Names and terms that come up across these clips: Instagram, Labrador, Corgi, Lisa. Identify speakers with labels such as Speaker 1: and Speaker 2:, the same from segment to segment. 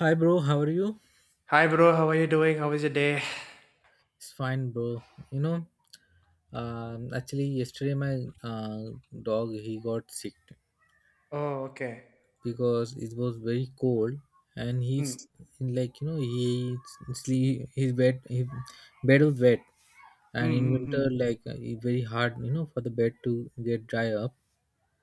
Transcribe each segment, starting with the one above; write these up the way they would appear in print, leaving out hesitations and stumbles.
Speaker 1: Hi, bro. How are you?
Speaker 2: Hi, bro. How are you doing? How was your day?
Speaker 1: It's fine, bro. You know, actually, yesterday my dog he got sick
Speaker 2: Oh, okay.
Speaker 1: because it was very cold, and
Speaker 2: Hmm.
Speaker 1: he's like he sleep his bed was wet, and
Speaker 2: Hmm.
Speaker 1: in
Speaker 2: Hmm.
Speaker 1: winter
Speaker 2: Hmm.
Speaker 1: it's very hard for the bed to get dry up.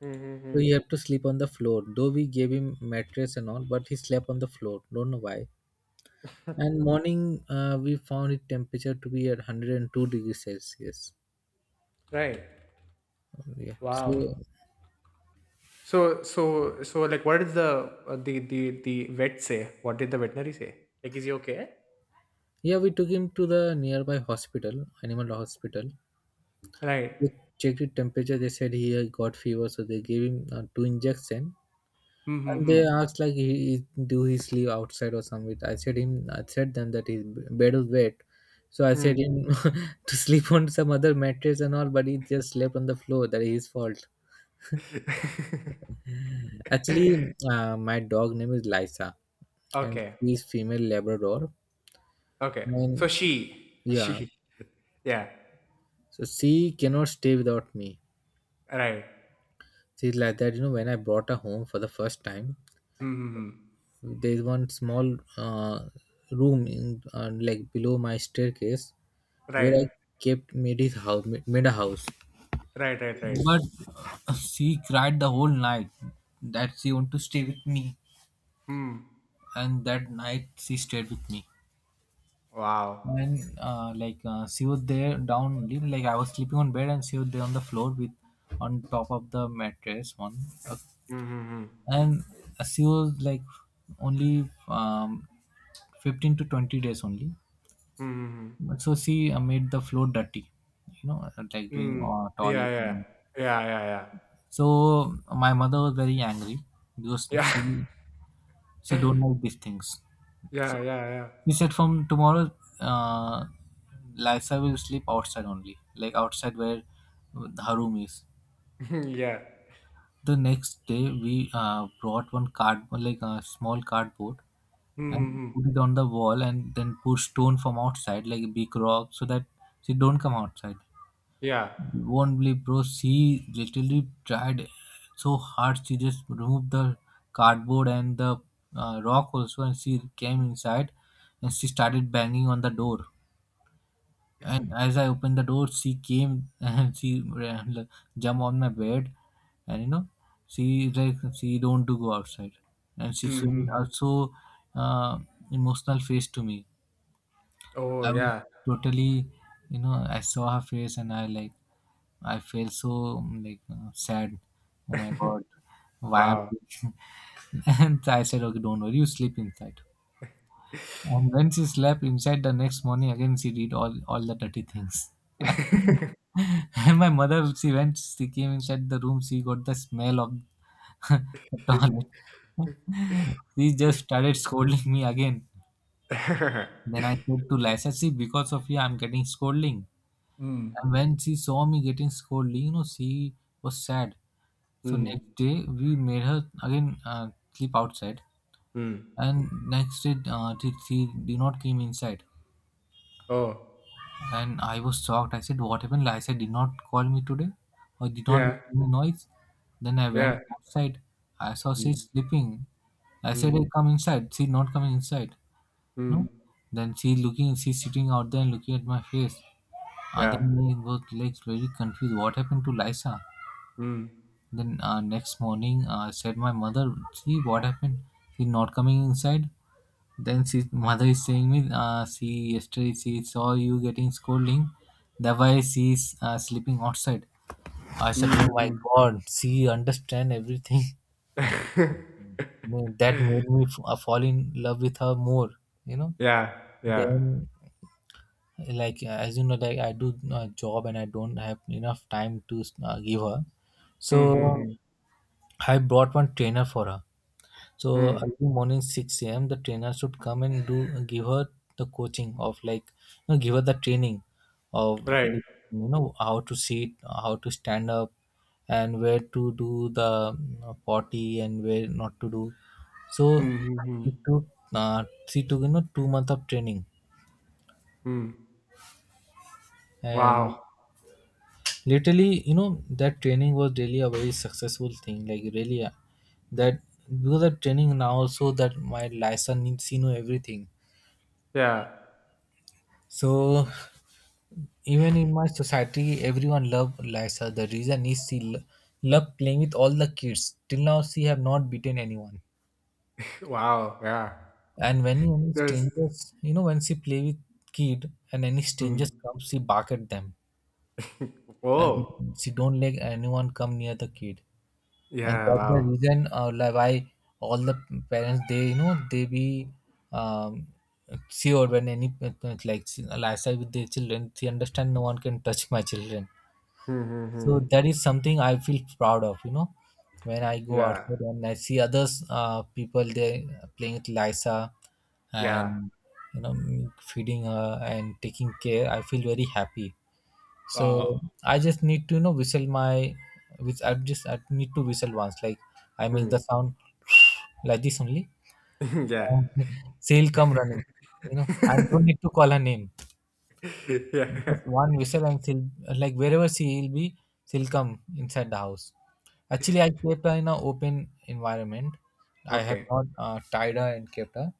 Speaker 2: Hmm. Hmm,
Speaker 1: So he
Speaker 2: hmm.
Speaker 1: had to sleep on the floor. Though we gave him mattress and all, but he slept on the floor. Don't know why. And morning, we found his temperature to be at 102 degrees Celsius.
Speaker 2: Right.
Speaker 1: Yeah. So
Speaker 2: Wow. So, like, what did the vet say? What did the veterinary say? Like, is he okay?
Speaker 1: yeah, we took him to the nearby hospital, animal hospital.
Speaker 2: Right.
Speaker 1: We checked his temperature. They said he got fever, so they gave him two injection.
Speaker 2: Hmm.
Speaker 1: And they
Speaker 2: Hmm.
Speaker 1: asked like, do he sleep outside or somewhere? I said them that his bed was wet, so I
Speaker 2: Hmm.
Speaker 1: said
Speaker 2: Hmm.
Speaker 1: him to sleep on some other mattress and all, but he just slept on the floor. That is his fault. Actually, my dog name is Lisa, and
Speaker 2: Okay.
Speaker 1: she is female Labrador,
Speaker 2: Okay. So
Speaker 1: and
Speaker 2: she,
Speaker 1: yeah,
Speaker 2: she, yeah.
Speaker 1: so she cannot stay without me.
Speaker 2: Right.
Speaker 1: See, like that, you know, when I brought her home for the first time,
Speaker 2: Hmm. Hmm, hmm.
Speaker 1: there's one small room in like below my staircase where
Speaker 2: Right.
Speaker 1: I kept made his house, made a house.
Speaker 2: Right. Right. Right.
Speaker 1: But she cried the whole night that she want to stay with me,
Speaker 2: Hmm.
Speaker 1: and that night she stayed with me.
Speaker 2: Wow.
Speaker 1: And she was there down only, like I was sleeping on bed and she was there on the floor with on top of the mattress one a
Speaker 2: Hmm. Hmm. Hmm.
Speaker 1: and she was like only 15 to 20 days only.
Speaker 2: Hmm. Hmm, hmm.
Speaker 1: But so she made the floor dirty, you know, like doing
Speaker 2: Mm. Yeah,
Speaker 1: toilet.
Speaker 2: yeah. Yeah, yeah, yeah.
Speaker 1: So my mother was very angry because
Speaker 2: Yeah.
Speaker 1: she don't like these things, so
Speaker 2: Yeah, yeah, yeah.
Speaker 1: she said, "From tomorrow, uh, Lisa will sleep outside only, like outside where her room is."
Speaker 2: Mhm, yeah.
Speaker 1: The next day we brought one card, like a small cardboard,
Speaker 2: Mhm,
Speaker 1: and
Speaker 2: mhm.
Speaker 1: put it on the wall and then put stone from outside like a big rock so that she don't come outside.
Speaker 2: Yeah.
Speaker 1: You won't believe, bro, she literally tried so hard. She just removed the cardboard and the rock also, and she came inside, and she started banging on the door. And as I opened the door, she came and she ran, jumped on my bed. And you know, she don't to go outside, and she
Speaker 2: Mhm,
Speaker 1: showed
Speaker 2: mhm.
Speaker 1: also uh, emotional face to me.
Speaker 2: Oh,
Speaker 1: I was
Speaker 2: yeah.
Speaker 1: totally, you know, I saw her face and I felt so sad. Oh my god, why am
Speaker 2: Wow.
Speaker 1: I? And I said, "Okay, don't worry, you sleep inside." And when she slept inside the next morning, again she did all the dirty things. And my mother, she came inside the room, she got the smell of the toilet. She just started scolding me again. Then I said to Lisa, "See, because of you, I'm getting scolding."
Speaker 2: Mm.
Speaker 1: And when she saw me getting scolded, you know, she was sad. So next
Speaker 2: Mm.
Speaker 1: day we made her again sleep outside,
Speaker 2: Mm.
Speaker 1: and next day she did not came inside,
Speaker 2: Oh.
Speaker 1: and I was shocked. I said, "What happened?" I said, "Did not call me today, or did not make
Speaker 2: Yeah.
Speaker 1: any noise." Then I went
Speaker 2: Yeah.
Speaker 1: outside. I saw she
Speaker 2: Mm.
Speaker 1: sleeping. I said, "Hey,
Speaker 2: Mm.
Speaker 1: come inside." She not coming inside. No.
Speaker 2: Mm.
Speaker 1: Then she looking, she sitting out there and looking at my face. Other
Speaker 2: Yeah.
Speaker 1: then I was like very confused. What happened to Lisa?
Speaker 2: Mm.
Speaker 1: Then next morning, I said my mother, "See what happened? She not coming inside." Then she mother is saying me, "See, yesterday she saw you getting scolding. That's why she is sleeping outside." I said,
Speaker 2: Mm,
Speaker 1: "Oh my
Speaker 2: mm.
Speaker 1: God, she understand everything." No, that made me fall in love with her more. You know.
Speaker 2: Yeah, yeah.
Speaker 1: Then, as you know, like I do a job and I don't have enough time to give her.
Speaker 2: Mm, mm,
Speaker 1: So
Speaker 2: mm.
Speaker 1: I brought one trainer for her. So
Speaker 2: Mm.
Speaker 1: early morning six a.m. the trainer should come and do give her the coaching of give her the training of
Speaker 2: Right.
Speaker 1: how to sit, how to stand up, and where to do the potty and where not to do. So
Speaker 2: Mm, mm,
Speaker 1: it
Speaker 2: mm.
Speaker 1: took she took you know 2 months of training.
Speaker 2: Mm.
Speaker 1: And
Speaker 2: Wow.
Speaker 1: literally, you know, that training was really a very successful thing, like really that because of training now also that my license needs you know everything.
Speaker 2: Yeah.
Speaker 1: So even in my society, everyone love Lysa. The reason is love playing with all the kids. Till now, she have not beaten anyone.
Speaker 2: Wow, yeah.
Speaker 1: And when any
Speaker 2: There's
Speaker 1: strangers, you know, when she play with kid and any strangers
Speaker 2: hmm.
Speaker 1: come, she bark at them, and
Speaker 2: Woah.
Speaker 1: she don't let anyone come near the kid. And
Speaker 2: Yeah,
Speaker 1: that's the
Speaker 2: wow.
Speaker 1: reason, like, why all the parents, they, you know, they be um, sure when any like Lysa with their children, she understand no one can touch my children.
Speaker 2: Hmm, hmm,
Speaker 1: So
Speaker 2: hmm.
Speaker 1: that is something I feel proud of, you know, when I go
Speaker 2: Yeah,
Speaker 1: outside and I see others people, they playing with Lisa
Speaker 2: yeah.
Speaker 1: and, you know, feeding her and taking care, I feel very happy. So
Speaker 2: Wow.
Speaker 1: I just need to, you know, whistle my which I just I need to whistle once, like I make the
Speaker 2: Hmm.
Speaker 1: sound like this only,
Speaker 2: Yeah.
Speaker 1: and she'll come running. You know, I don't need to call her name,
Speaker 2: Yeah.
Speaker 1: just one whistle and she'll, like wherever she'll be, she'll come inside the house. Actually, I kept her in an open environment. I have
Speaker 2: Okay.
Speaker 1: not tied her and kept her.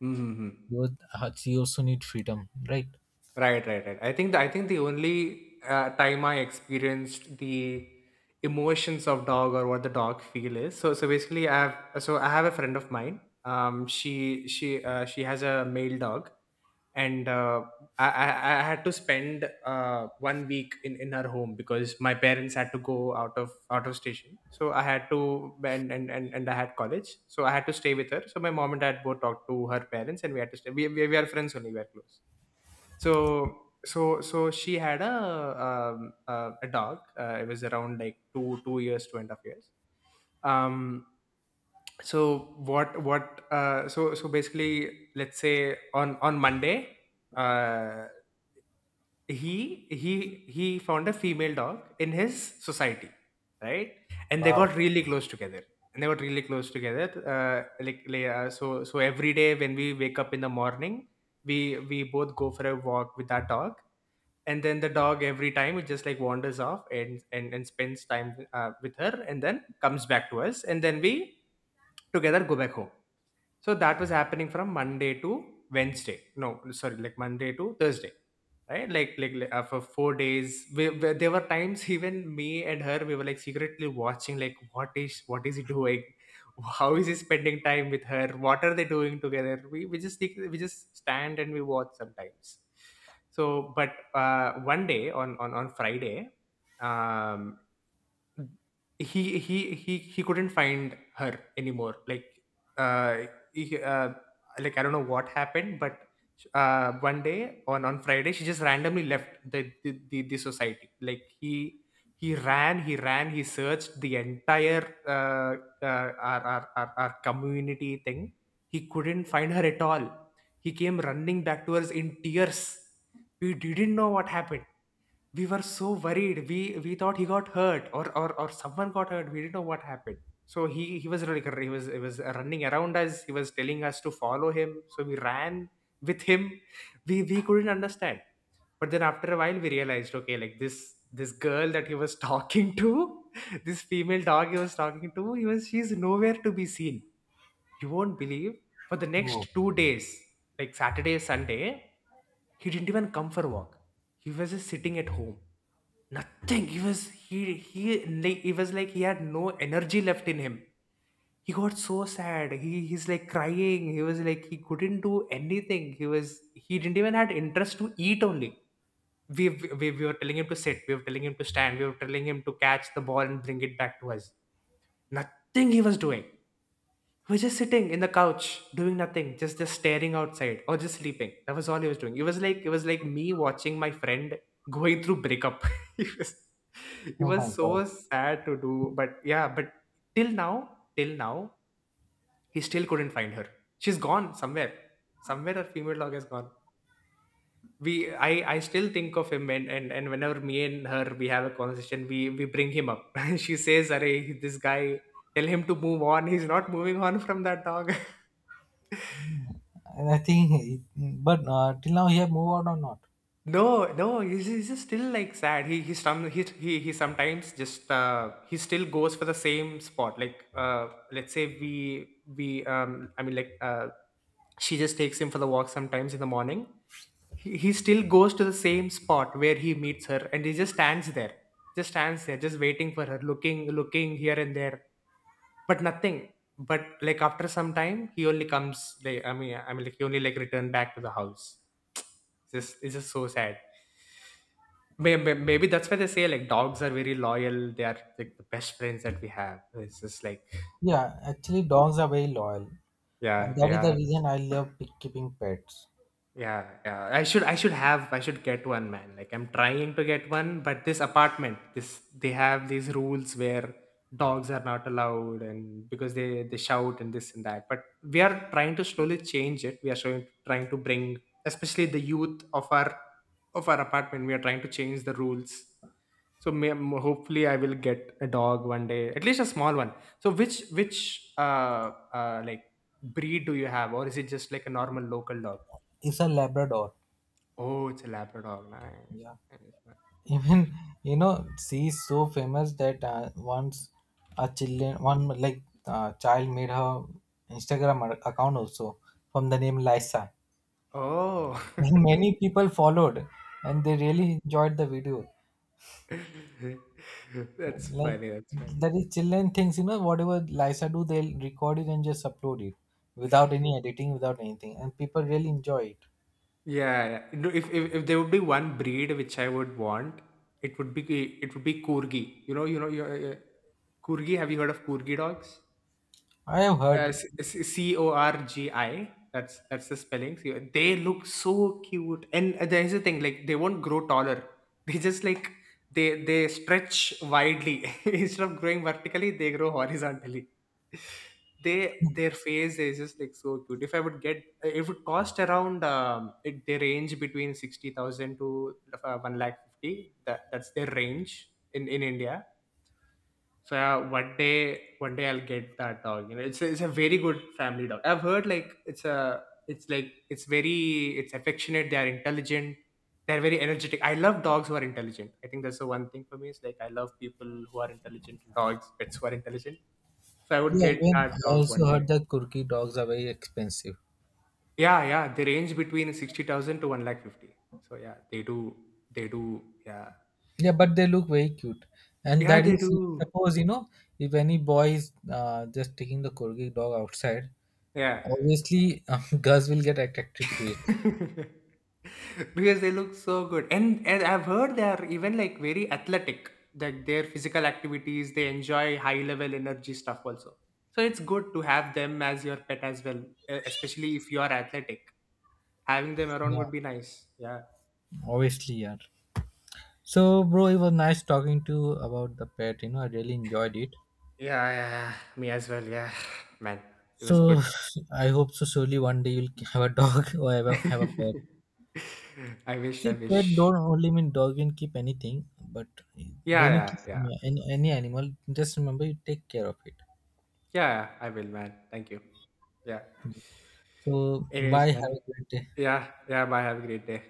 Speaker 2: Hmm, hmm, hmm.
Speaker 1: Because she also need freedom, right?
Speaker 2: Right, right, right. I think the only time I experienced the emotions of dog or what the dog feel is. So basically I have a friend of mine. She has a male dog, and I had to spend one week in her home because my parents had to go out of station. So I had to, and I had college, so I had to stay with her. So my mom and dad both talked to her parents, and we had to stay. We are friends only. We are close. So so she had a dog. It was around like two and a half years. Um, so what basically, let's say on Monday, uh he found a female dog in his society, right, and they
Speaker 1: Wow.
Speaker 2: got really close together. And they got really close together, so, so every day when we wake up in the morning, we both go for a walk with that dog, and then the dog every time it just like wanders off and spends time with her, and then comes back to us, and then we together go back home. So that was happening from Monday to Wednesday. No, sorry, like Monday to Thursday, right? For 4 days. There were times even me and her, we were like secretly watching, like, what is he doing? How is he spending time with her? What are they doing together? We just stand and we watch sometimes. So, but one day on Friday, um, he couldn't find her anymore, like, uh, he, uh like, I don't know what happened, but one day on Friday, she just randomly left the the society, like, he ran, he searched the entire our community thing. He couldn't find her at all. He came running back to us in tears. We didn't know what happened. We were so worried. We thought he got hurt, or someone got hurt. We didn't know what happened. So he was like, he was running around us. He was telling us to follow him. So we ran with him. We couldn't understand. But then after a while we realized, okay, like, this girl that he was talking to, this female dog he was talking to, he was she's nowhere to be seen. You won't believe, for the
Speaker 1: Oh,
Speaker 2: next 2 days, like Saturday, Sunday, he didn't even come for a walk. He was just sitting at home, nothing. He was he he Like, it was like, he had no energy left in him. He got so sad. He's like crying. He was like, he couldn't do anything. He didn't even had interest to eat only. We were telling him to sit, we were telling him to stand, we were telling him to catch the ball and bring it back to us. Nothing he was doing. We're just sitting in the couch, doing nothing, just staring outside or just sleeping. That was all he was doing. It was like, me watching my friend going through breakup. it was it
Speaker 1: oh my
Speaker 2: was
Speaker 1: God.
Speaker 2: so sad to do. But yeah, but till now, he still couldn't find her. She's gone somewhere. Somewhere her female dog has gone. We I still think of him, and whenever me and her we have a conversation, we bring him up. She says, "Arey, this guy, tell him to move on. He's not moving on from that dog."
Speaker 1: And I think, but till now he have moved out or not?
Speaker 2: No, no, he's just still like sad. He sometimes just he still goes for the same spot. Like let's say we I mean, like, she just takes him for the walk sometimes in the morning. He still goes to the same spot where he meets her, and he just stands there, just stands there, just waiting for her, looking here and there, but nothing. But, like, after some time he only comes. Like, I mean, like, he only like returned back to the house. It's just so sad. May- Maybe that's why they say, like, dogs are very loyal. They are like the best friends that we have. It's just like,
Speaker 1: Yeah, actually dogs are very loyal, and
Speaker 2: yeah,
Speaker 1: that
Speaker 2: they
Speaker 1: is the
Speaker 2: are.
Speaker 1: reason I love keeping pets.
Speaker 2: Yeah, yeah. I should get one, man. Like, I'm trying to get one, but this apartment, this they have these rules where dogs are not allowed, and because they shout and this and that. But we are trying to slowly change it. We are showing, trying to bring, especially the youth of our apartment. We are trying to change the rules. So, hopefully I will get a dog one day, at least a small one. So which like, breed do you have, or is it just like a normal local dog?
Speaker 1: It's a Labrador.
Speaker 2: Oh, it's a Labrador. Nice,
Speaker 1: Yeah.
Speaker 2: nice, nice.
Speaker 1: Even, you know, she is so famous that once a children one like child made her Instagram account also from the name Lysa.
Speaker 2: Oh,
Speaker 1: Many people followed and they really enjoyed the video.
Speaker 2: that's
Speaker 1: Like,
Speaker 2: funny. That's funny.
Speaker 1: that is children things, you know, whatever Lisa do, they'll record it and just upload it without any editing, without anything, and people really enjoy it.
Speaker 2: Yeah, yeah. No, if there would be one breed which I would want, it would be it would be Corgi. You Corgi. Have you heard of Corgi dogs?
Speaker 1: I have heard.
Speaker 2: Corgi. That's the spelling. They look so cute, and there's the thing, like, they won't grow taller. They just like, they stretch widely instead of growing vertically, they grow horizontally. They Their face is just like so cute. If I would get, it would cost around they range between 60,000 to one lakh fifty. That's their range in India. So, yeah, one day I'll get that dog. You know, it's a very good family dog. I've heard like it's a it's like it's very it's affectionate. They are intelligent. They're very energetic. I love dogs who are intelligent. I think that's the one thing for me. Is like, I love people who are intelligent. Dogs, pets who are intelligent. So I would
Speaker 1: Yeah,
Speaker 2: get
Speaker 1: even
Speaker 2: that
Speaker 1: I
Speaker 2: dog one
Speaker 1: also heard
Speaker 2: day.
Speaker 1: that kurki dogs are very expensive.
Speaker 2: Yeah, yeah. They range between 60,000 to one lakh fifty. So yeah, they do. They do. Yeah,
Speaker 1: Yeah, but they look very cute. And
Speaker 2: yeah.
Speaker 1: that
Speaker 2: They
Speaker 1: is,
Speaker 2: do.
Speaker 1: suppose, you know, if any boy is just taking the corgi dog outside,
Speaker 2: Yeah.
Speaker 1: obviously girls will get attracted to it.
Speaker 2: Because they look so good, and I've heard they are even like very athletic, that their physical activities, they enjoy high level energy stuff also, so it's good to have them as your pet as well, especially if you are athletic, having them around
Speaker 1: Yeah.
Speaker 2: would be nice. Yeah.
Speaker 1: Obviously, yeah. So, bro, it was nice talking to you about the pet. You know, I really enjoyed it.
Speaker 2: Yeah, yeah, yeah. Me as well. Yeah, man. It was
Speaker 1: So,
Speaker 2: good.
Speaker 1: I hope so. Surely one day you'll have a dog or have a pet.
Speaker 2: I
Speaker 1: See, pet
Speaker 2: wish.
Speaker 1: don't only mean dog. You can keep anything, but
Speaker 2: Yeah,
Speaker 1: when you
Speaker 2: yeah,
Speaker 1: keep
Speaker 2: yeah,
Speaker 1: any animal, just remember you take care of it.
Speaker 2: yeah, I will, man. Thank you. Yeah.
Speaker 1: So,
Speaker 2: Anyways,
Speaker 1: bye.
Speaker 2: man.
Speaker 1: Have a great day.
Speaker 2: Yeah, yeah, bye. Have a great day.